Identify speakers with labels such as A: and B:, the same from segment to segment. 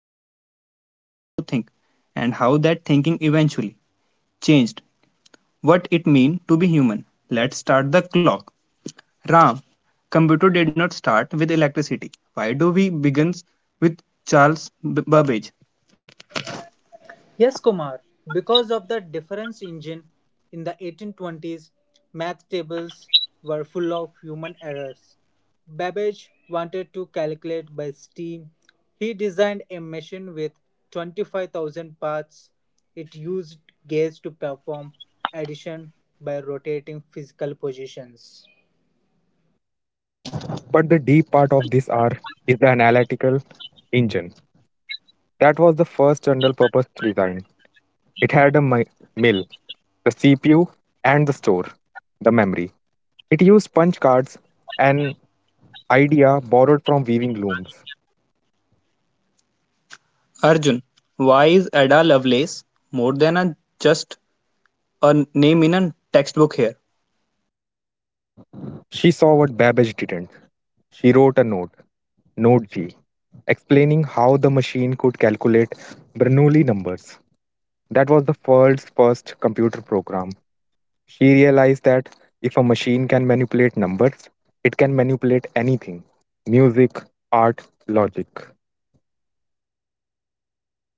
A: humans thought, sent to think, and how that thinking eventually changed what it means to be human. Let's start the clock. Ram, computer did not start with electricity. Why do we begin with Charles Babbage?
B: Yes, Kumar, because of the difference engine in the 1820s, math tables were full of human errors. Babbage wanted to calculate by steam. He designed a machine with 25,000 parts. It used gears to perform addition by rotating physical positions.
C: But the deep part of this R is the analytical engine. That was the first general purpose design. It had a mill, the CPU, and the store, the memory. It used punch cards, an idea borrowed from weaving looms.
A: Arjun, why is Ada Lovelace more than just a name in a textbook here?
C: She saw what Babbage didn't. She wrote a note, Note G, explaining how the machine could calculate Bernoulli numbers. That was the world's first computer program. She realized that if a machine can manipulate numbers, it can manipulate anything music, art, logic.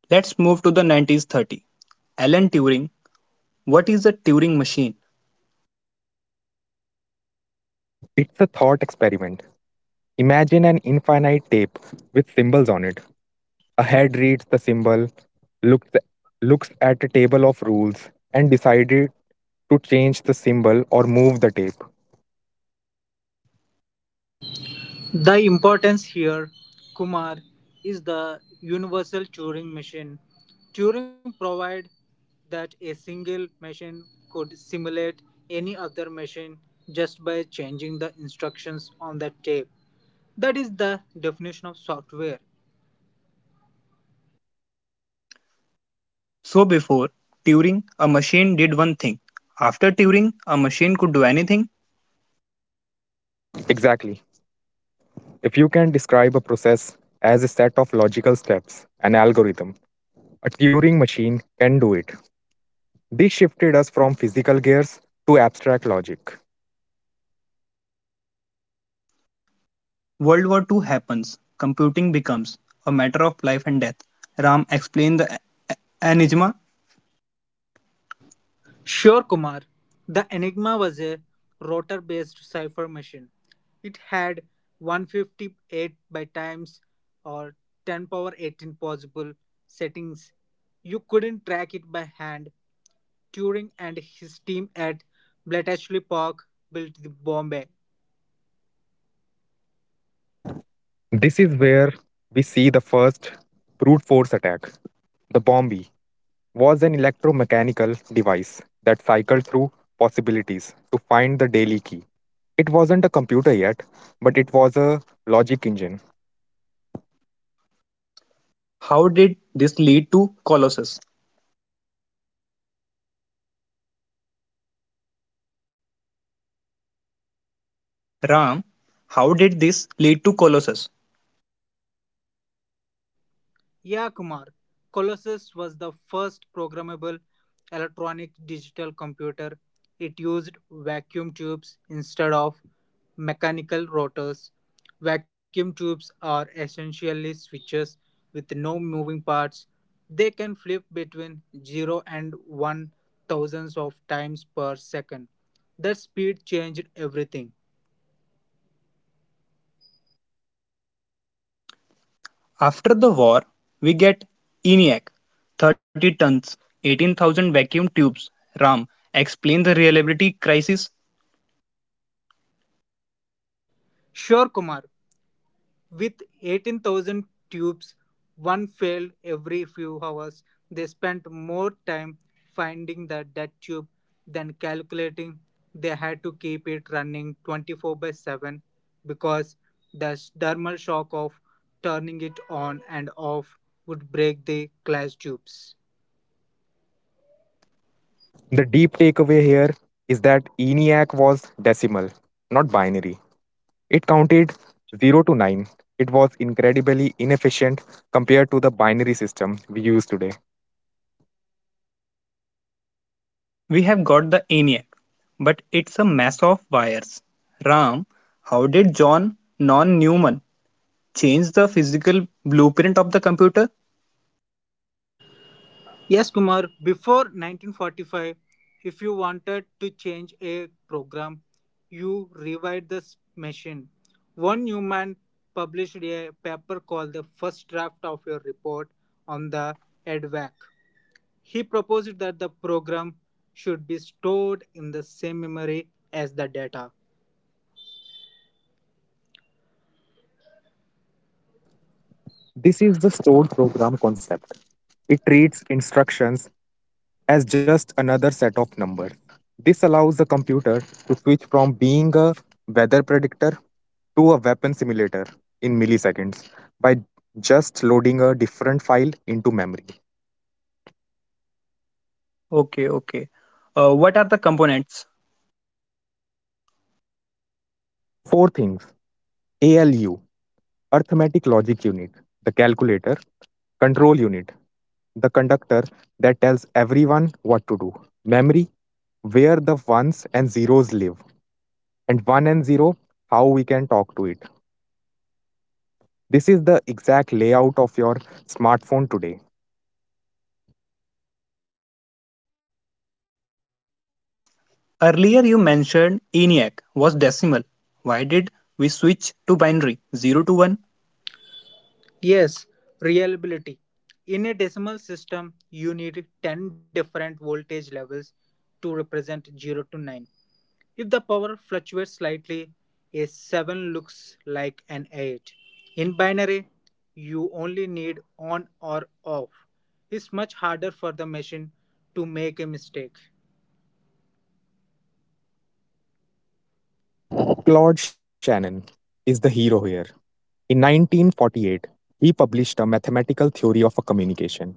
A: Let's move to the 1930s. Alan Turing. What is the Turing machine?
C: It's a thought experiment. Imagine an infinite tape with symbols on it. A head reads the symbol, looks, looks at a table of rules, and decided to change the symbol or move the tape.
B: The importance here, Kumar, is the universal Turing machine. Turing proved that a single machine could simulate any other machine just by changing the instructions on the tape. That is the definition of software.
A: So before Turing, a machine did one thing. After Turing, a machine could do anything.
C: Exactly. If you can describe a process as a set of logical steps, an algorithm, a Turing machine can do it. This shifted us from physical gears to abstract logic.
A: World War II happens. Computing becomes a matter of life and death. Ram explained the enigma.
B: Sure, Kumar. The Enigma was a rotor based cipher machine. It had 158 by times or 10 power 18 possible settings. You couldn't track it by hand. Turing and his team at Bletchley Park built the Bombay.
C: This is where we see the first brute force attack. The Bombi was an electromechanical device that cycled through possibilities to find the daily key. It wasn't a computer yet, but it was a logic engine.
A: How did this lead to Colossus? Ram, how did this lead to Colossus?
B: Yeah, Kumar. Colossus was the first programmable electronic digital computer. It used vacuum tubes instead of mechanical rotors. Vacuum tubes are essentially switches with no moving parts. They can flip between 0 and 1 thousandths of times per second. That speed changed everything.
A: After the war, we get ENIAC, 30 tons, 18,000 vacuum tubes. Ram, explain the reliability crisis.
B: Sure, Kumar. With 18,000 tubes, one failed every few hours. They spent more time finding the dead tube than calculating. They had to keep it running 24 by 7 because the thermal shock of turning it on and off would break the glass tubes.
C: The deep takeaway here is that ENIAC was decimal, not binary. It counted 0 to 9. It was incredibly inefficient compared to the binary system we use today.
A: We have got the ENIAC, but it's a mess of wires. Ram, how did John non Newman change the physical blueprint of the computer?
B: Yes, Kumar, before 1945, if you wanted to change a program, you rewrite the machine. One human published a paper called the first draft of your report on the EDVAC. He proposed that the program should be stored in the same memory as the data.
C: This is the stored program concept. It treats instructions as just another set of numbers. This allows the computer to switch from being a weather predictor to a weapon simulator in milliseconds by just loading a different file into memory.
A: Okay, okay. What are the components?
C: Four things ALU, arithmetic logic unit, the calculator, control unit, the conductor that tells everyone what to do, memory, where the ones and zeros live, and 1 and 0 how we can talk to it. This is the exact layout of your smartphone today.
A: Earlier you mentioned ENIAC was decimal. Why did we switch to binary 0 to 1?
B: Yes, reliability. In a decimal system, you need 10 different voltage levels to represent 0 to 9. If the power fluctuates slightly, a 7 looks like an 8. In binary, you only need on or off. It's much harder for the machine to make a mistake.
C: Claude Shannon is the hero here. In 1948, he published a mathematical theory of a communication.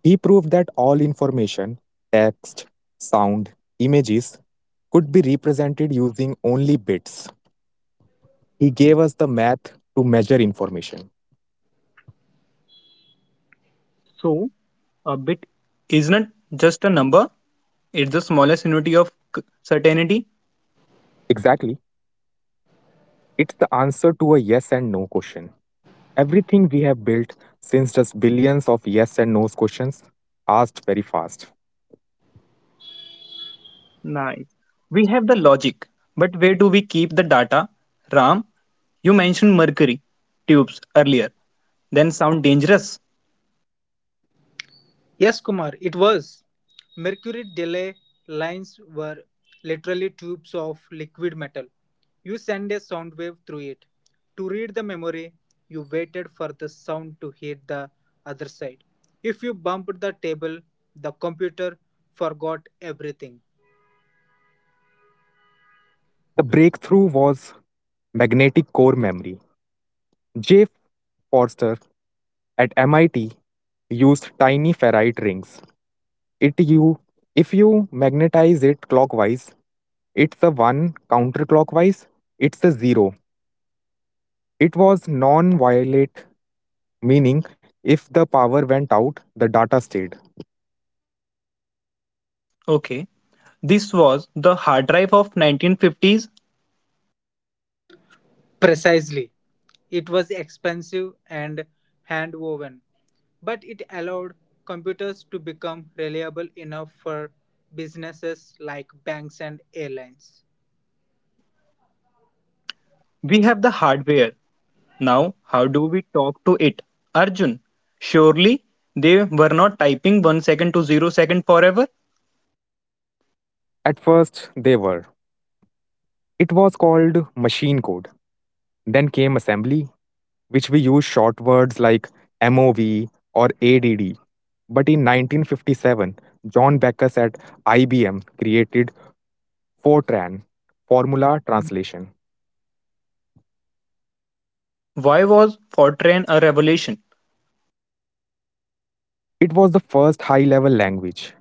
C: He proved that all information, text, sound, images could be represented using only bits. He gave us the math to measure information.
A: So a bit isn't just a number, it's the smallest unity of certainty.
C: Exactly. It's the answer to a yes and no question. Everything we have built since just billions of yes and no questions asked very fast.
A: Nice. We have the logic, but where do we keep the data? Ram, you mentioned mercury tubes earlier. Then sound dangerous.
B: Yes, Kumar, it was. Mercury delay lines were literally tubes of liquid metal. You send a sound wave through it. To read the memory, you waited for the sound to hit the other side. If you bumped the table, the computer forgot everything.
C: The breakthrough was magnetic core memory. J. Forster at MIT used tiny ferrite rings. It you if you magnetize it clockwise, it's a 1. Counterclockwise, it's a 0. It was non violate, meaning if the power went out, the data stayed.
A: Okay. This was the hard drive of 1950s.
B: Precisely. It was expensive and hand woven. But it allowed computers to become reliable enough for businesses like banks and airlines.
A: We have the hardware. Now, how do we talk to it? Arjun, surely they were not typing 1 second to 0 second forever?
C: At first, they were. It was called machine code. Then came assembly, which we use short words like MOV or ADD. But in 1957, John Backus at IBM created Fortran, Formula Translation.
A: Why was Fortran a revolution?
C: It was the first high level language.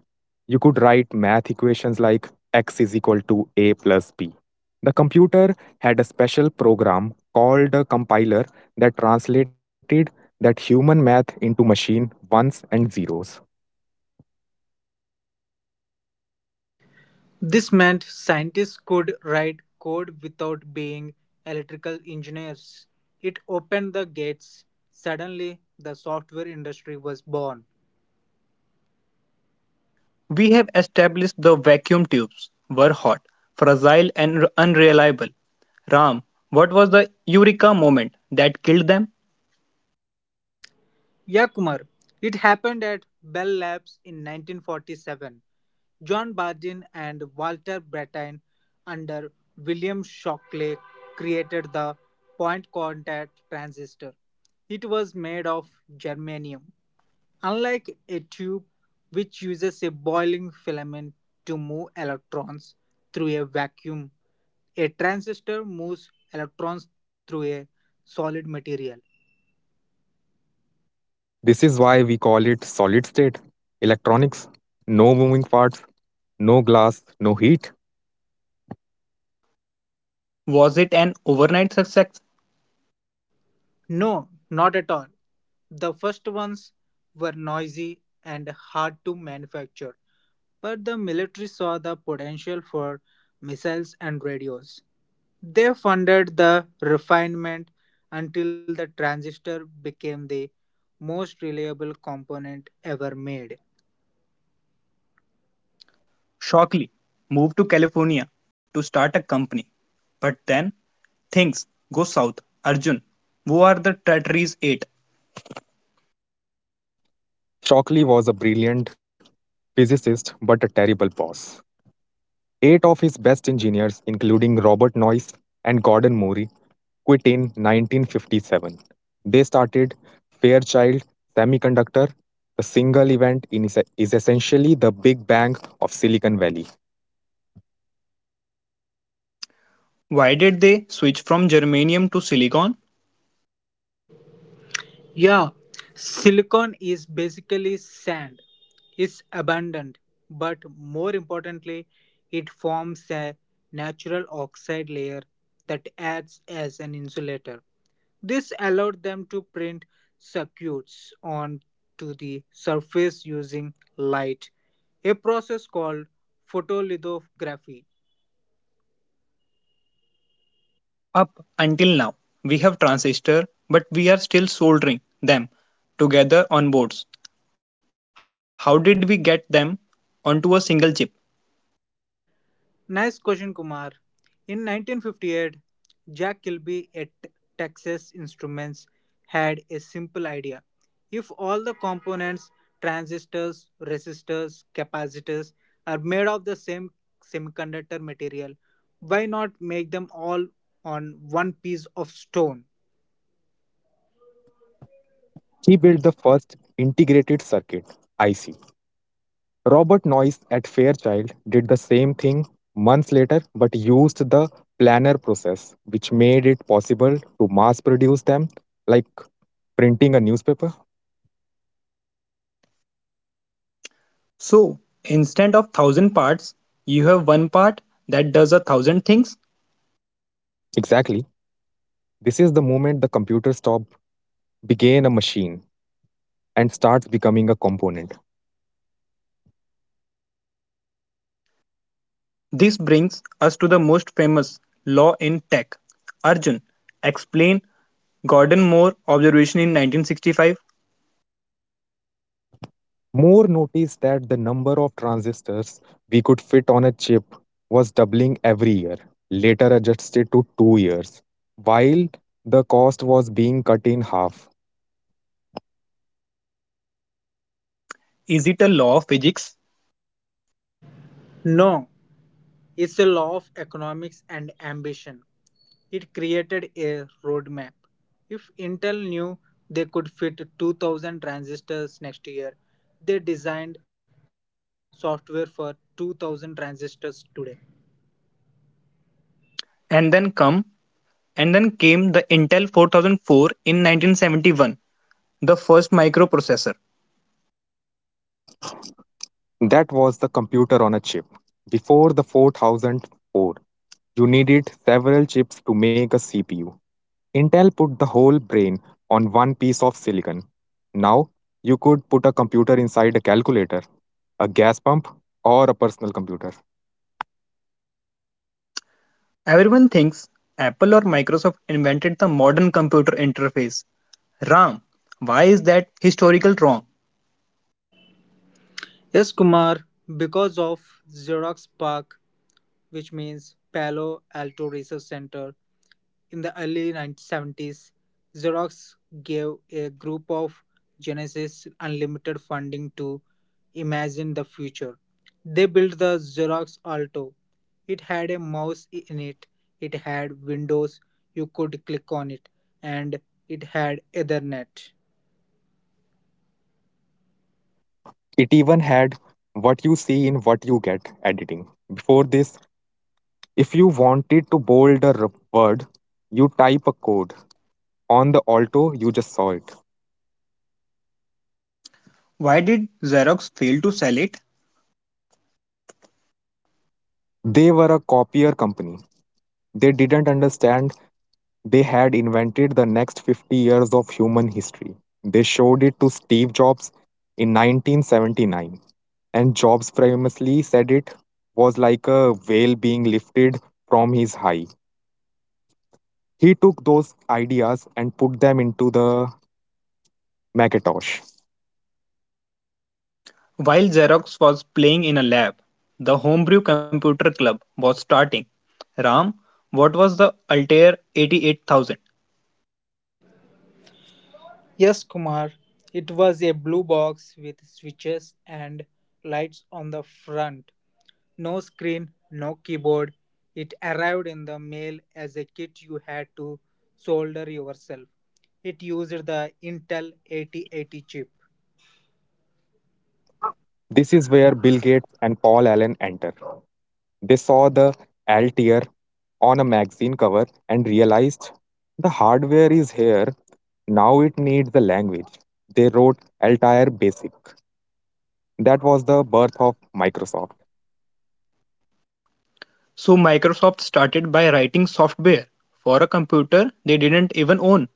C: You could write math equations like x is equal to a plus b. The computer had a special program called a compiler that translated that human math into machine ones and zeros.
B: This meant scientists could write code without being electrical engineers. It opened the gates. Suddenly, the software industry was born.
A: We have established the vacuum tubes were hot, fragile, and unreliable. Ram, what was the eureka moment that killed them?
B: Yeah, Kumar, it happened at Bell Labs in 1947. John Bardeen and Walter Brattain under William Shockley created the point contact transistor. It was made of germanium. Unlike a tube, which uses a boiling filament to move electrons through a vacuum, a transistor moves electrons through a solid material.
C: This is why we call it solid state electronics. No moving parts, no glass, no heat.
A: Was it an overnight success?
B: No, not at all. The first ones were noisy and hard to manufacture. But the military saw the potential for missiles and radios. They funded the refinement until the transistor became the most reliable component ever made.
A: Shockley moved to California to start a company. But then things go south. Arjun, who are the Tatris 8?
C: Shockley was a brilliant physicist but a terrible boss. Eight of his best engineers, including Robert Noyce and Gordon Murray, quit in 1957. They started Fairchild Semiconductor. The single event in is essentially the Big Bang of Silicon Valley.
A: Why did they switch from germanium to silicon?
B: Yeah, silicon is basically sand. It's abundant, but more importantly, it forms a natural oxide layer that acts as an insulator. This allowed them to print circuits onto the surface using light, a process called photolithography.
A: Up until now, we have transistor, but we are still soldering them together on boards. How did we get them onto a single chip?
B: Nice question, Kumar. In 1958, Jack Kilby at Texas Instruments had a simple idea. If all the components, transistors, resistors, capacitors, are made of the same semiconductor material, why not make them all on one piece of stone?
C: He built the first integrated circuit, IC. Robert Noyce at Fairchild did the same thing months later but used the planar process, which made it possible to mass produce them like printing a newspaper.
A: So, instead of thousand parts, you have one part that does a thousand things.
C: Exactly. This is the moment the computer stops being a machine and starts becoming a component.
A: This brings us to the most famous law in tech. Arjun, explain Gordon Moore observation in 1965.
C: Moore noticed that the number of transistors we could fit on a chip was doubling every year, later adjusted to 2 years, while the cost was being cut in half.
A: Is it a law of physics?
B: No, it's a law of economics and ambition. It created a roadmap. If Intel knew they could fit 2000 transistors next year, they designed software for 2000 transistors today.
A: And then come and then came the Intel 4004 in 1971, the first microprocessor.
C: That was the computer on a chip. Before the 4004, you needed several chips to make a CPU. Intel put the whole brain on one piece of silicon. Now, you could put a computer inside a calculator, a gas pump, or a personal computer.
A: Everyone thinks Apple or Microsoft invented the modern computer interface. Ram, why is that historical wrong?
B: Yes, Kumar, because of Xerox Park, which means Palo Alto Research Center. In the early 1970s, Xerox gave a group of Genesis unlimited funding to imagine the future. They built the Xerox Alto. It had a mouse in it, it had windows, you could click on it, and it had Ethernet.
C: It even had what you see in what you get editing. Before this, if you wanted to bold a word, you type a code. On the Alto, you just saw it.
A: Why did Xerox fail to sell it?
C: They were a copier company. They didn't understand. They had invented the next 50 years of human history. They showed it to Steve Jobs in 1979, and Jobs famously said it was like a whale being lifted from his high. He took those ideas and put them into the Macintosh.
A: While Xerox was playing in a lab, the Homebrew Computer Club was starting. Ram, what was the Altair 88000?
B: Yes, Kumar, it was a blue box with switches and lights on the front. No screen, no keyboard. It arrived in the mail as a kit you had to solder yourself. It used the Intel 8080 chip.
C: This is where Bill Gates and Paul Allen enter. They saw the Altair on a magazine cover and realized the hardware is here, now it needs the language. They wrote Altair Basic. That was the birth of Microsoft.
A: So Microsoft started by writing software for a computer they didn't even own.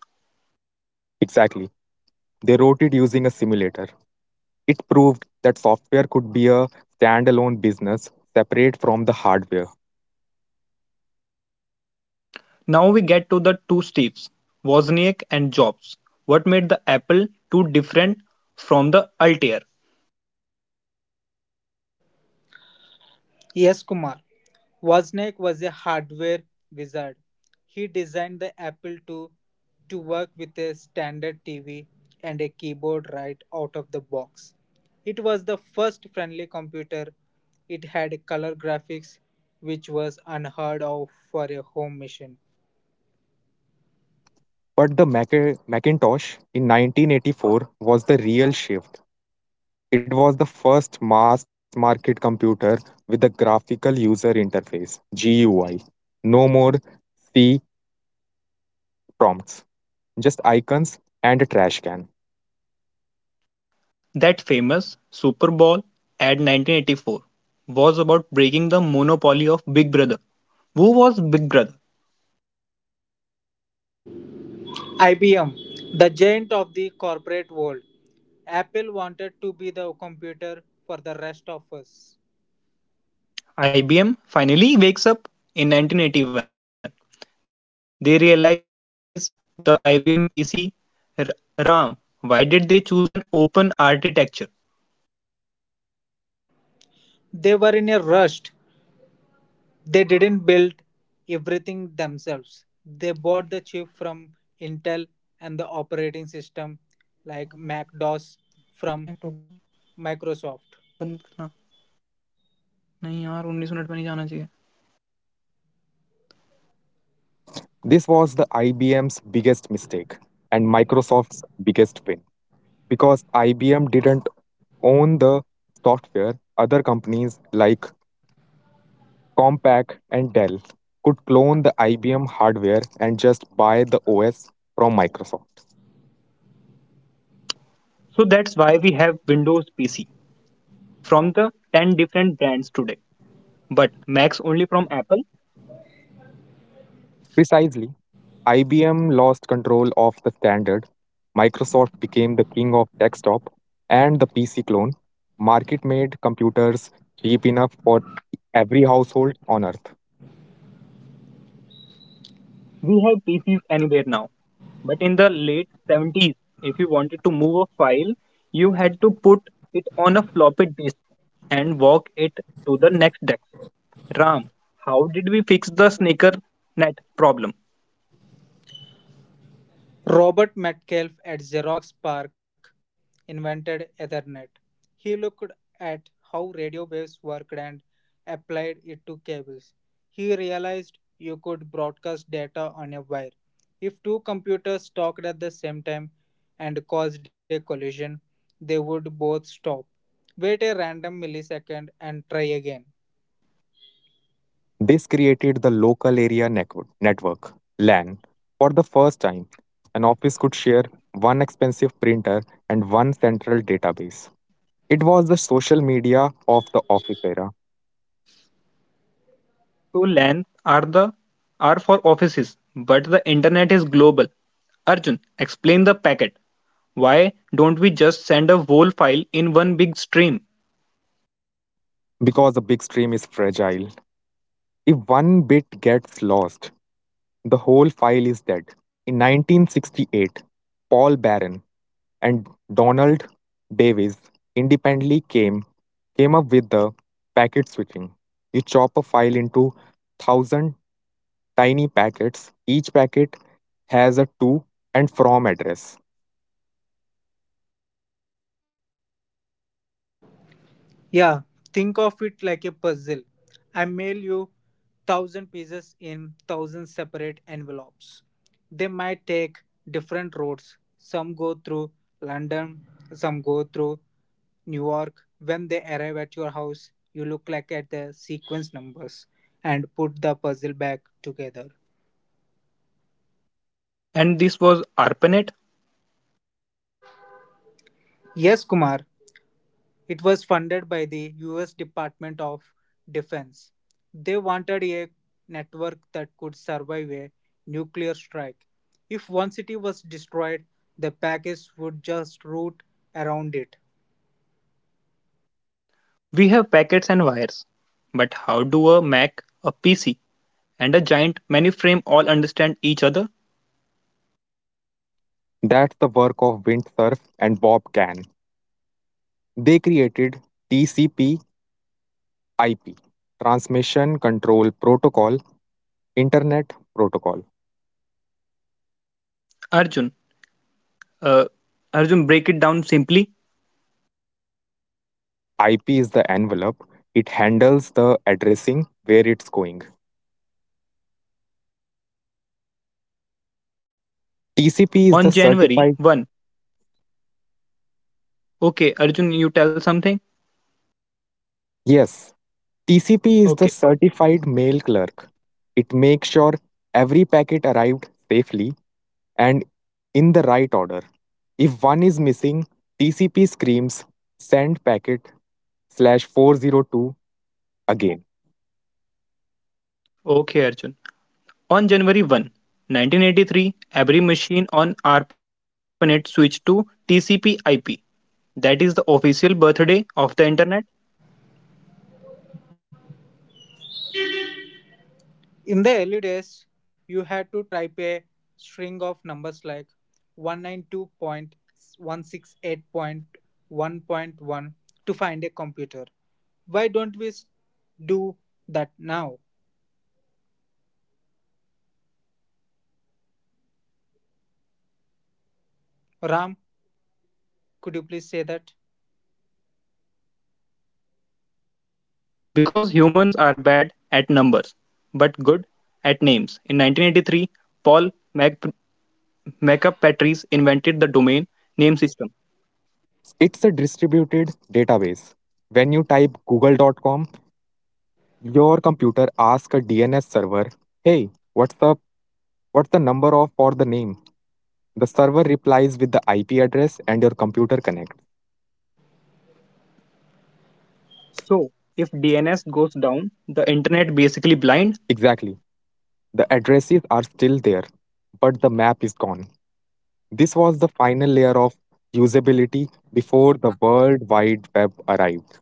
C: Exactly. They wrote it using a simulator. It proved that software could be a standalone business separate from the hardware.
A: Now we get to the two Steves, Wozniak and Jobs. What made the Apple II different from the Altair?
B: Yes, Kumar. Wozniak was a hardware wizard. He designed the Apple II to work with a standard TV and a keyboard right out of the box. It was the first friendly computer. It had color graphics, which was unheard of for a home machine.
C: But the Macintosh in 1984 was the real shift. It was the first mass market computer with a graphical user interface GUI. No more C prompts, just icons and a trash can.
A: That famous Super Bowl ad 1984 was about breaking the monopoly of Big Brother. Who was Big Brother?
B: IBM, the giant of the corporate world. Apple wanted to be the computer for the rest of us.
A: IBM finally wakes up in 1981. They realize the IBM PC RAM. Why did they choose an open architecture?
B: They were in a rush. They didn't build everything themselves. They bought the chip from Intel and the operating system like
A: reconnect हो
B: Mac
A: गया।
B: DOS from
A: बंद करना।
B: Microsoft.
A: नहीं यार, 19 minute में नहीं जाना चाहिए।
C: This was the IBM's biggest mistake and Microsoft's biggest win because IBM didn't own the software other companies like Compaq and Dell could clone the IBM hardware and just buy the OS from Microsoft.
A: So that's why we have Windows PC from the 10 different brands today. But Macs only from Apple.
C: Precisely, IBM lost control of the standard, Microsoft became the king of desktop, and the PC clone market made computers cheap enough for every household on earth.
A: We have PCs anywhere now. But in the late 70s, if you wanted to move a file, you had to put it on a floppy disk and walk it to the next desk. Ram, how did we fix the sneaker net problem?
B: Robert Metcalfe at Xerox PARC invented Ethernet. He looked at how radio waves worked and applied it to cables. He realized you could broadcast data on a wire. If two computers talked at the same time and caused a collision, they would both stop, wait a random millisecond, and try again.
C: This created the local area network, network LAN. For the first time, an office could share one expensive printer and one central database. It was the social media of the office era
A: So LANs are for offices, but the internet is global. Arjun, explain the packet. Why don't we just send a whole file in one big stream?
C: because a big stream is fragile. If one bit gets lost, the whole file is dead. In 1968, Paul Barron and Donald Davis independently came up with the packet switching. You chop a file into 1,000 tiny packets. Each packet has a to and from address.
B: Yeah, think of it like a puzzle. I mail you thousand pieces in thousand separate envelopes. They might take different routes. Some go through London, some go through New York. When they arrive at your house, you look like at the sequence numbers and put the puzzle back together.
A: And this was ARPANET.
B: Yes, Kumar, it was funded by the US Department of Defense. They wanted a network that could survive a nuclear strike. If one city was destroyed, the package would just route around it.
A: We have packets and wires. But how do a Mac, a PC, and a giant many frame all understand each other?
C: That's the work of Windsurf and Bob Kahn. They created TCP IP Transmission Control Protocol, Internet Protocol.
A: Arjun uh, arjun break it down simply.
C: IP is the envelope, it handles the addressing where it's going. TCP is
A: On
C: the
A: January
C: certified,
A: 1. Okay, Arjun, you tell something.
C: Yes, TCP is the
A: Okay.
C: certified mail clerk. It makes sure every packet arrived safely and in the right order. If one is missing, TCP screams send packet slash 402 again.
A: Okay, Arjun, on January 1, 1983, every machine on ARPANET switched to TCP/IP. That is the official birthday of the internet.
B: In the early days, you had to type a string of numbers like 192.168.1.1 to find a computer. Why don't we do that now? Ram, could you please say that?
A: Because humans are bad at numbers but good at names. In 1983, Paul Mac- Mcapatris invented the domain name system.
C: It's a distributed database. When you type google.com, your computer asks a DNS server, "Hey, what's up? What's the number of for the name?" The server replies with the IP address and your computer connects.
A: So, if DNS goes down, the internet basically blind.
C: Exactly. The addresses are still there, but the map is gone. This was the final layer of usability before the World Wide Web arrived.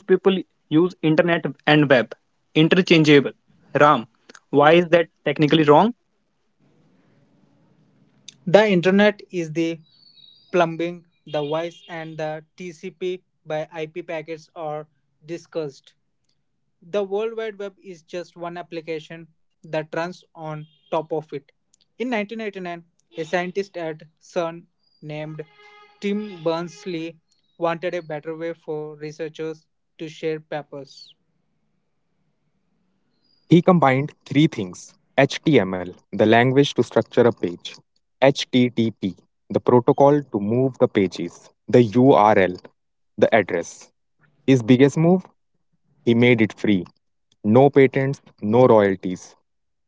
A: Most people use internet and web interchangeable. Ram, why is that technically wrong?
B: The Internet is the plumbing, the voice and the TCP by IP packets are discussed. The World Wide Web is just one application that runs on top of it. In 1989, a scientist at CERN named Tim Berners-Lee wanted a better way for researchers to share papers.
C: He combined three things HTML, the language to structure a page, HTTP, the protocol to move the pages, the URL, the address. His biggest move? He made it free. No patents, no royalties.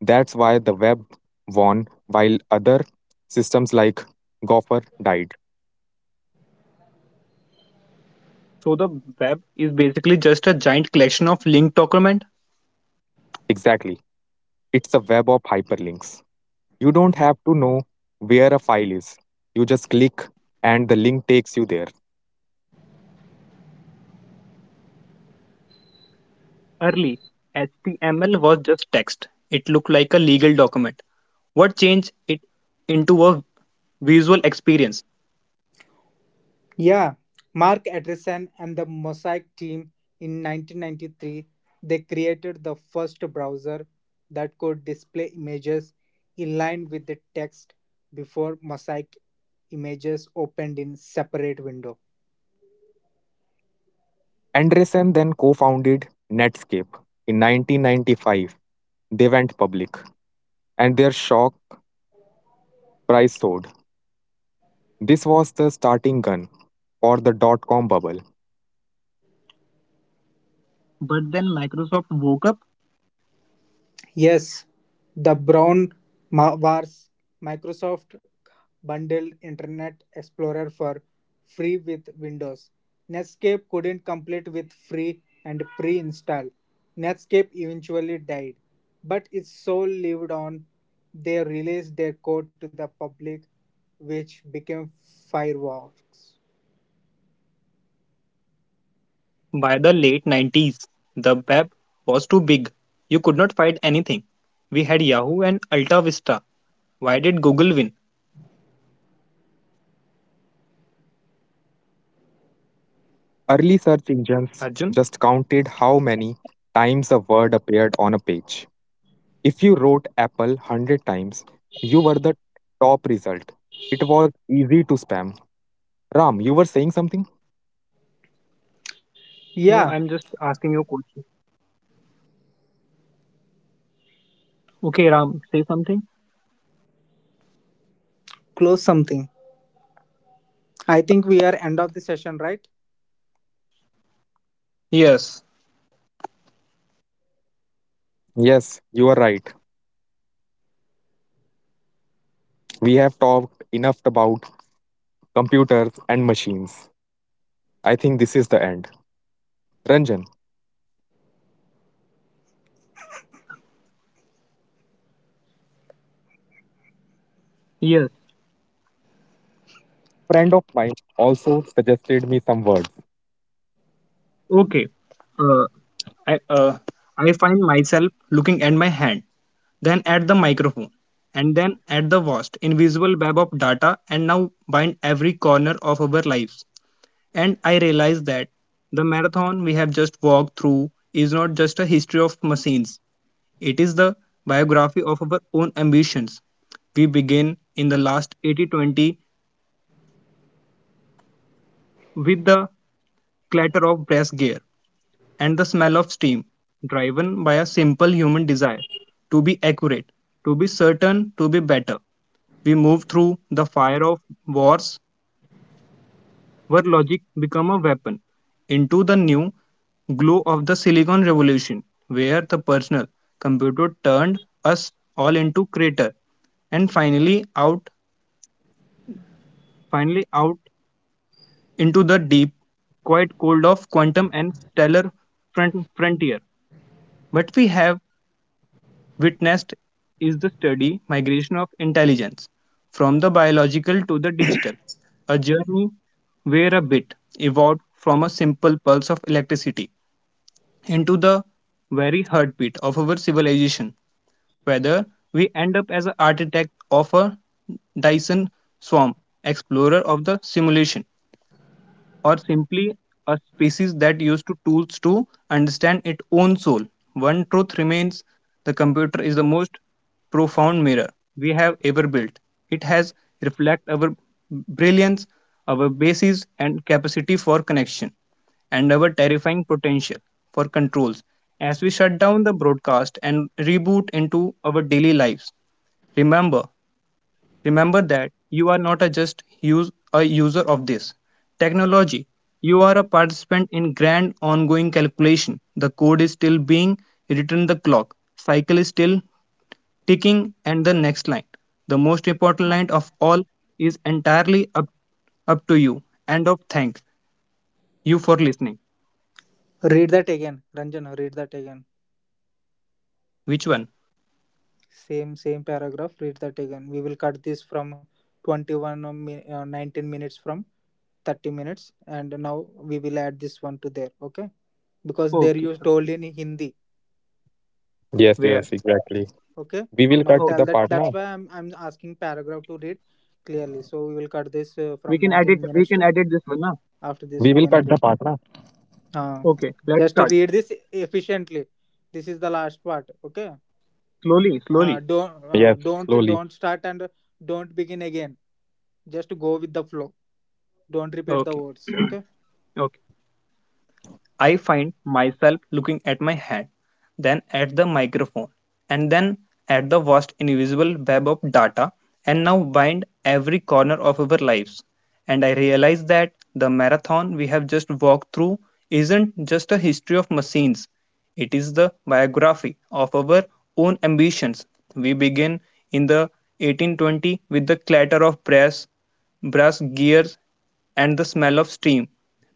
C: That's why the web won while other systems like Gopher died.
A: So the web is basically just a giant collection of linked document.
C: Exactly. It's a web of hyperlinks. You don't have to know where a file is. You just click and the link takes you there.
A: Early HTML was just text. It looked like a legal document. What changed it into a visual experience?
B: Yeah, Mark Andreessen and the Mosaic team in 1993, they created the first browser that could display images in line with the text before Mosaic images opened in separate window.
C: Andresen then co founded Netscape in 1995. They went public, and their shock price soared. This was the starting gun for the .com bubble.
A: But then Microsoft woke up.
B: Yes, the Brown Wars. Microsoft bundled Internet Explorer for free with Windows. Netscape couldn't complete with free and pre install. Netscape eventually died, but its soul lived on. They released their code to the public, which became Firefox.
A: By the late 90s, the web was too big. You could not find anything. We had Yahoo and Alta Vista. Why did Google win?
C: Early search engines just
A: Arjun?
C: counted how many times a word appeared on a page. If you wrote Apple 100 times, you were the top result. It was easy to spam. Ram, you were saying something?
B: Yeah,
A: No, I'm just asking you a question. Okay, Ram, say something.
B: close something. I think we are end of the session, right?
A: Yes.
C: Yes, you are right. We have talked enough about computers and machines. I think this is the end. Ranjan,
A: Yes.
C: a friend of mine also suggested me some words.
A: Okay. Uh, I, uh, I find myself looking at my hand, then at the microphone, and then at the vast invisible web of data, and now bind every corner of our lives. And I realized that the marathon we have just walked through is not just a history of machines, it is the biography of our own ambitions. We begin in the last 80 20 with the clatter of brass gear and the smell of steam, driven by a simple human desire to be accurate, to be certain, to be better. We move through the fire of wars where logic became a weapon into the new glow of the silicon revolution where the personal computer turned us all into creator and finally out into the deep quite cold of quantum and stellar frontier. What we have witnessed is the steady migration of intelligence from the biological to the digital, a journey where a bit evolved from a simple pulse of electricity into the very heartbeat of our civilization, whether we end up as an architect of a Dyson swarm, explorer of the simulation, or simply a species that used to tools to understand its own soul. One truth remains the computer is the most profound mirror we have ever built. It has reflected our brilliance, our basis, and capacity for connection, and our terrifying potential for controls. As we shut down the broadcast and reboot into our daily lives, remember Remember that you are not a user of this technology. You are a participant in grand ongoing calculation. The code is still being written, the clock cycle is still ticking, and the next line, the most important line of all, is entirely up to you. End of thanks you for listening.
B: Read that again, Ranjan. Read that again.
A: Which one?
B: Same paragraph. Read that again. We will cut this from 21 or 19 minutes from 30 minutes, and now we will add this one to there. Okay, because there
A: Okay.
B: you told
A: Okay.
B: in Hindi.
C: Yes,
A: Where?
C: yes, exactly.
B: Okay,
C: We will
B: now
C: cut
A: Okay.
B: tell
C: the
B: that.
C: part
B: That's
C: now.
B: why I'm asking paragraph to read clearly. So we will cut this from 19
A: We
B: minutes
A: can
B: to
A: edit this one now.
B: after this
C: We
B: we
C: will
B: can
C: cut
B: edit.
C: the part now.
B: Uh,
A: Okay. Let's
B: just
A: start
B: read this efficiently. This is the last part. Okay.
A: slowly. Slowly.
B: Don't
C: Yes,
B: don't
C: slowly.
B: don't start and don't begin again, just go with the flow, don't repeat the
A: Okay.
B: words, okay?
A: Okay. I find myself looking at my hand, then at the microphone, and then at the vast invisible web of data, and now bind every corner of our lives. And I realize that the marathon we have just walked through isn't just a history of machines, it is the biography of our own ambitions. We begin in the 1820 with the clatter of brass gears and the smell of steam,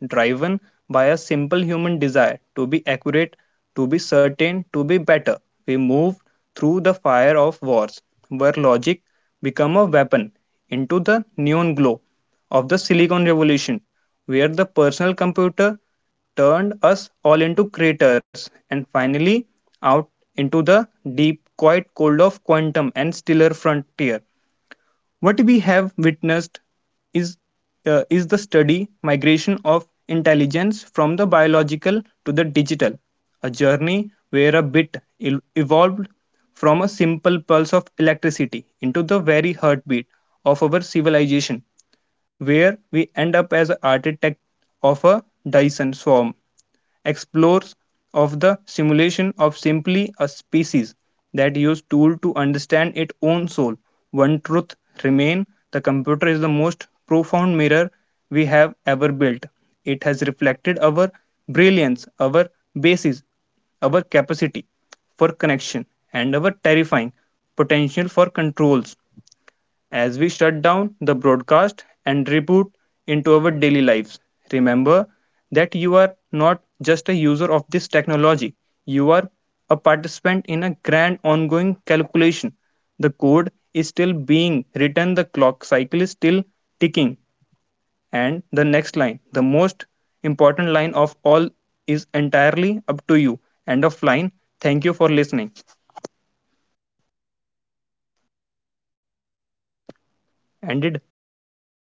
A: driven by a simple human desire to be accurate, to be certain, to be better. We move through the fire of wars, where logic became a weapon, into the neon glow of the Silicon Revolution, where the personal computer turned us all into creators, and finally out into the deep, quiet cold of quantum and stiller frontier, what we have witnessed is, is the study migration of intelligence from the biological to the digital, a journey where a bit evolved from a simple pulse of electricity into the very heartbeat of our civilization, where we end up as an architect of a Dyson swarm explores of the simulation of simply a species that use tool to understand its own soul. One truth remain the computer is the most profound mirror we have ever built. It has reflected our brilliance, our basis, our capacity for connection, and our terrifying potential for controls as we shut down the broadcast and reboot into our daily lives. Remember that you are not just a user of this technology, you are a participant in a grand ongoing calculation. The code is still being written, the clock cycle is still ticking, and the next line, the most important line of all, is entirely up to you. End of line. Thank you for listening. Ended.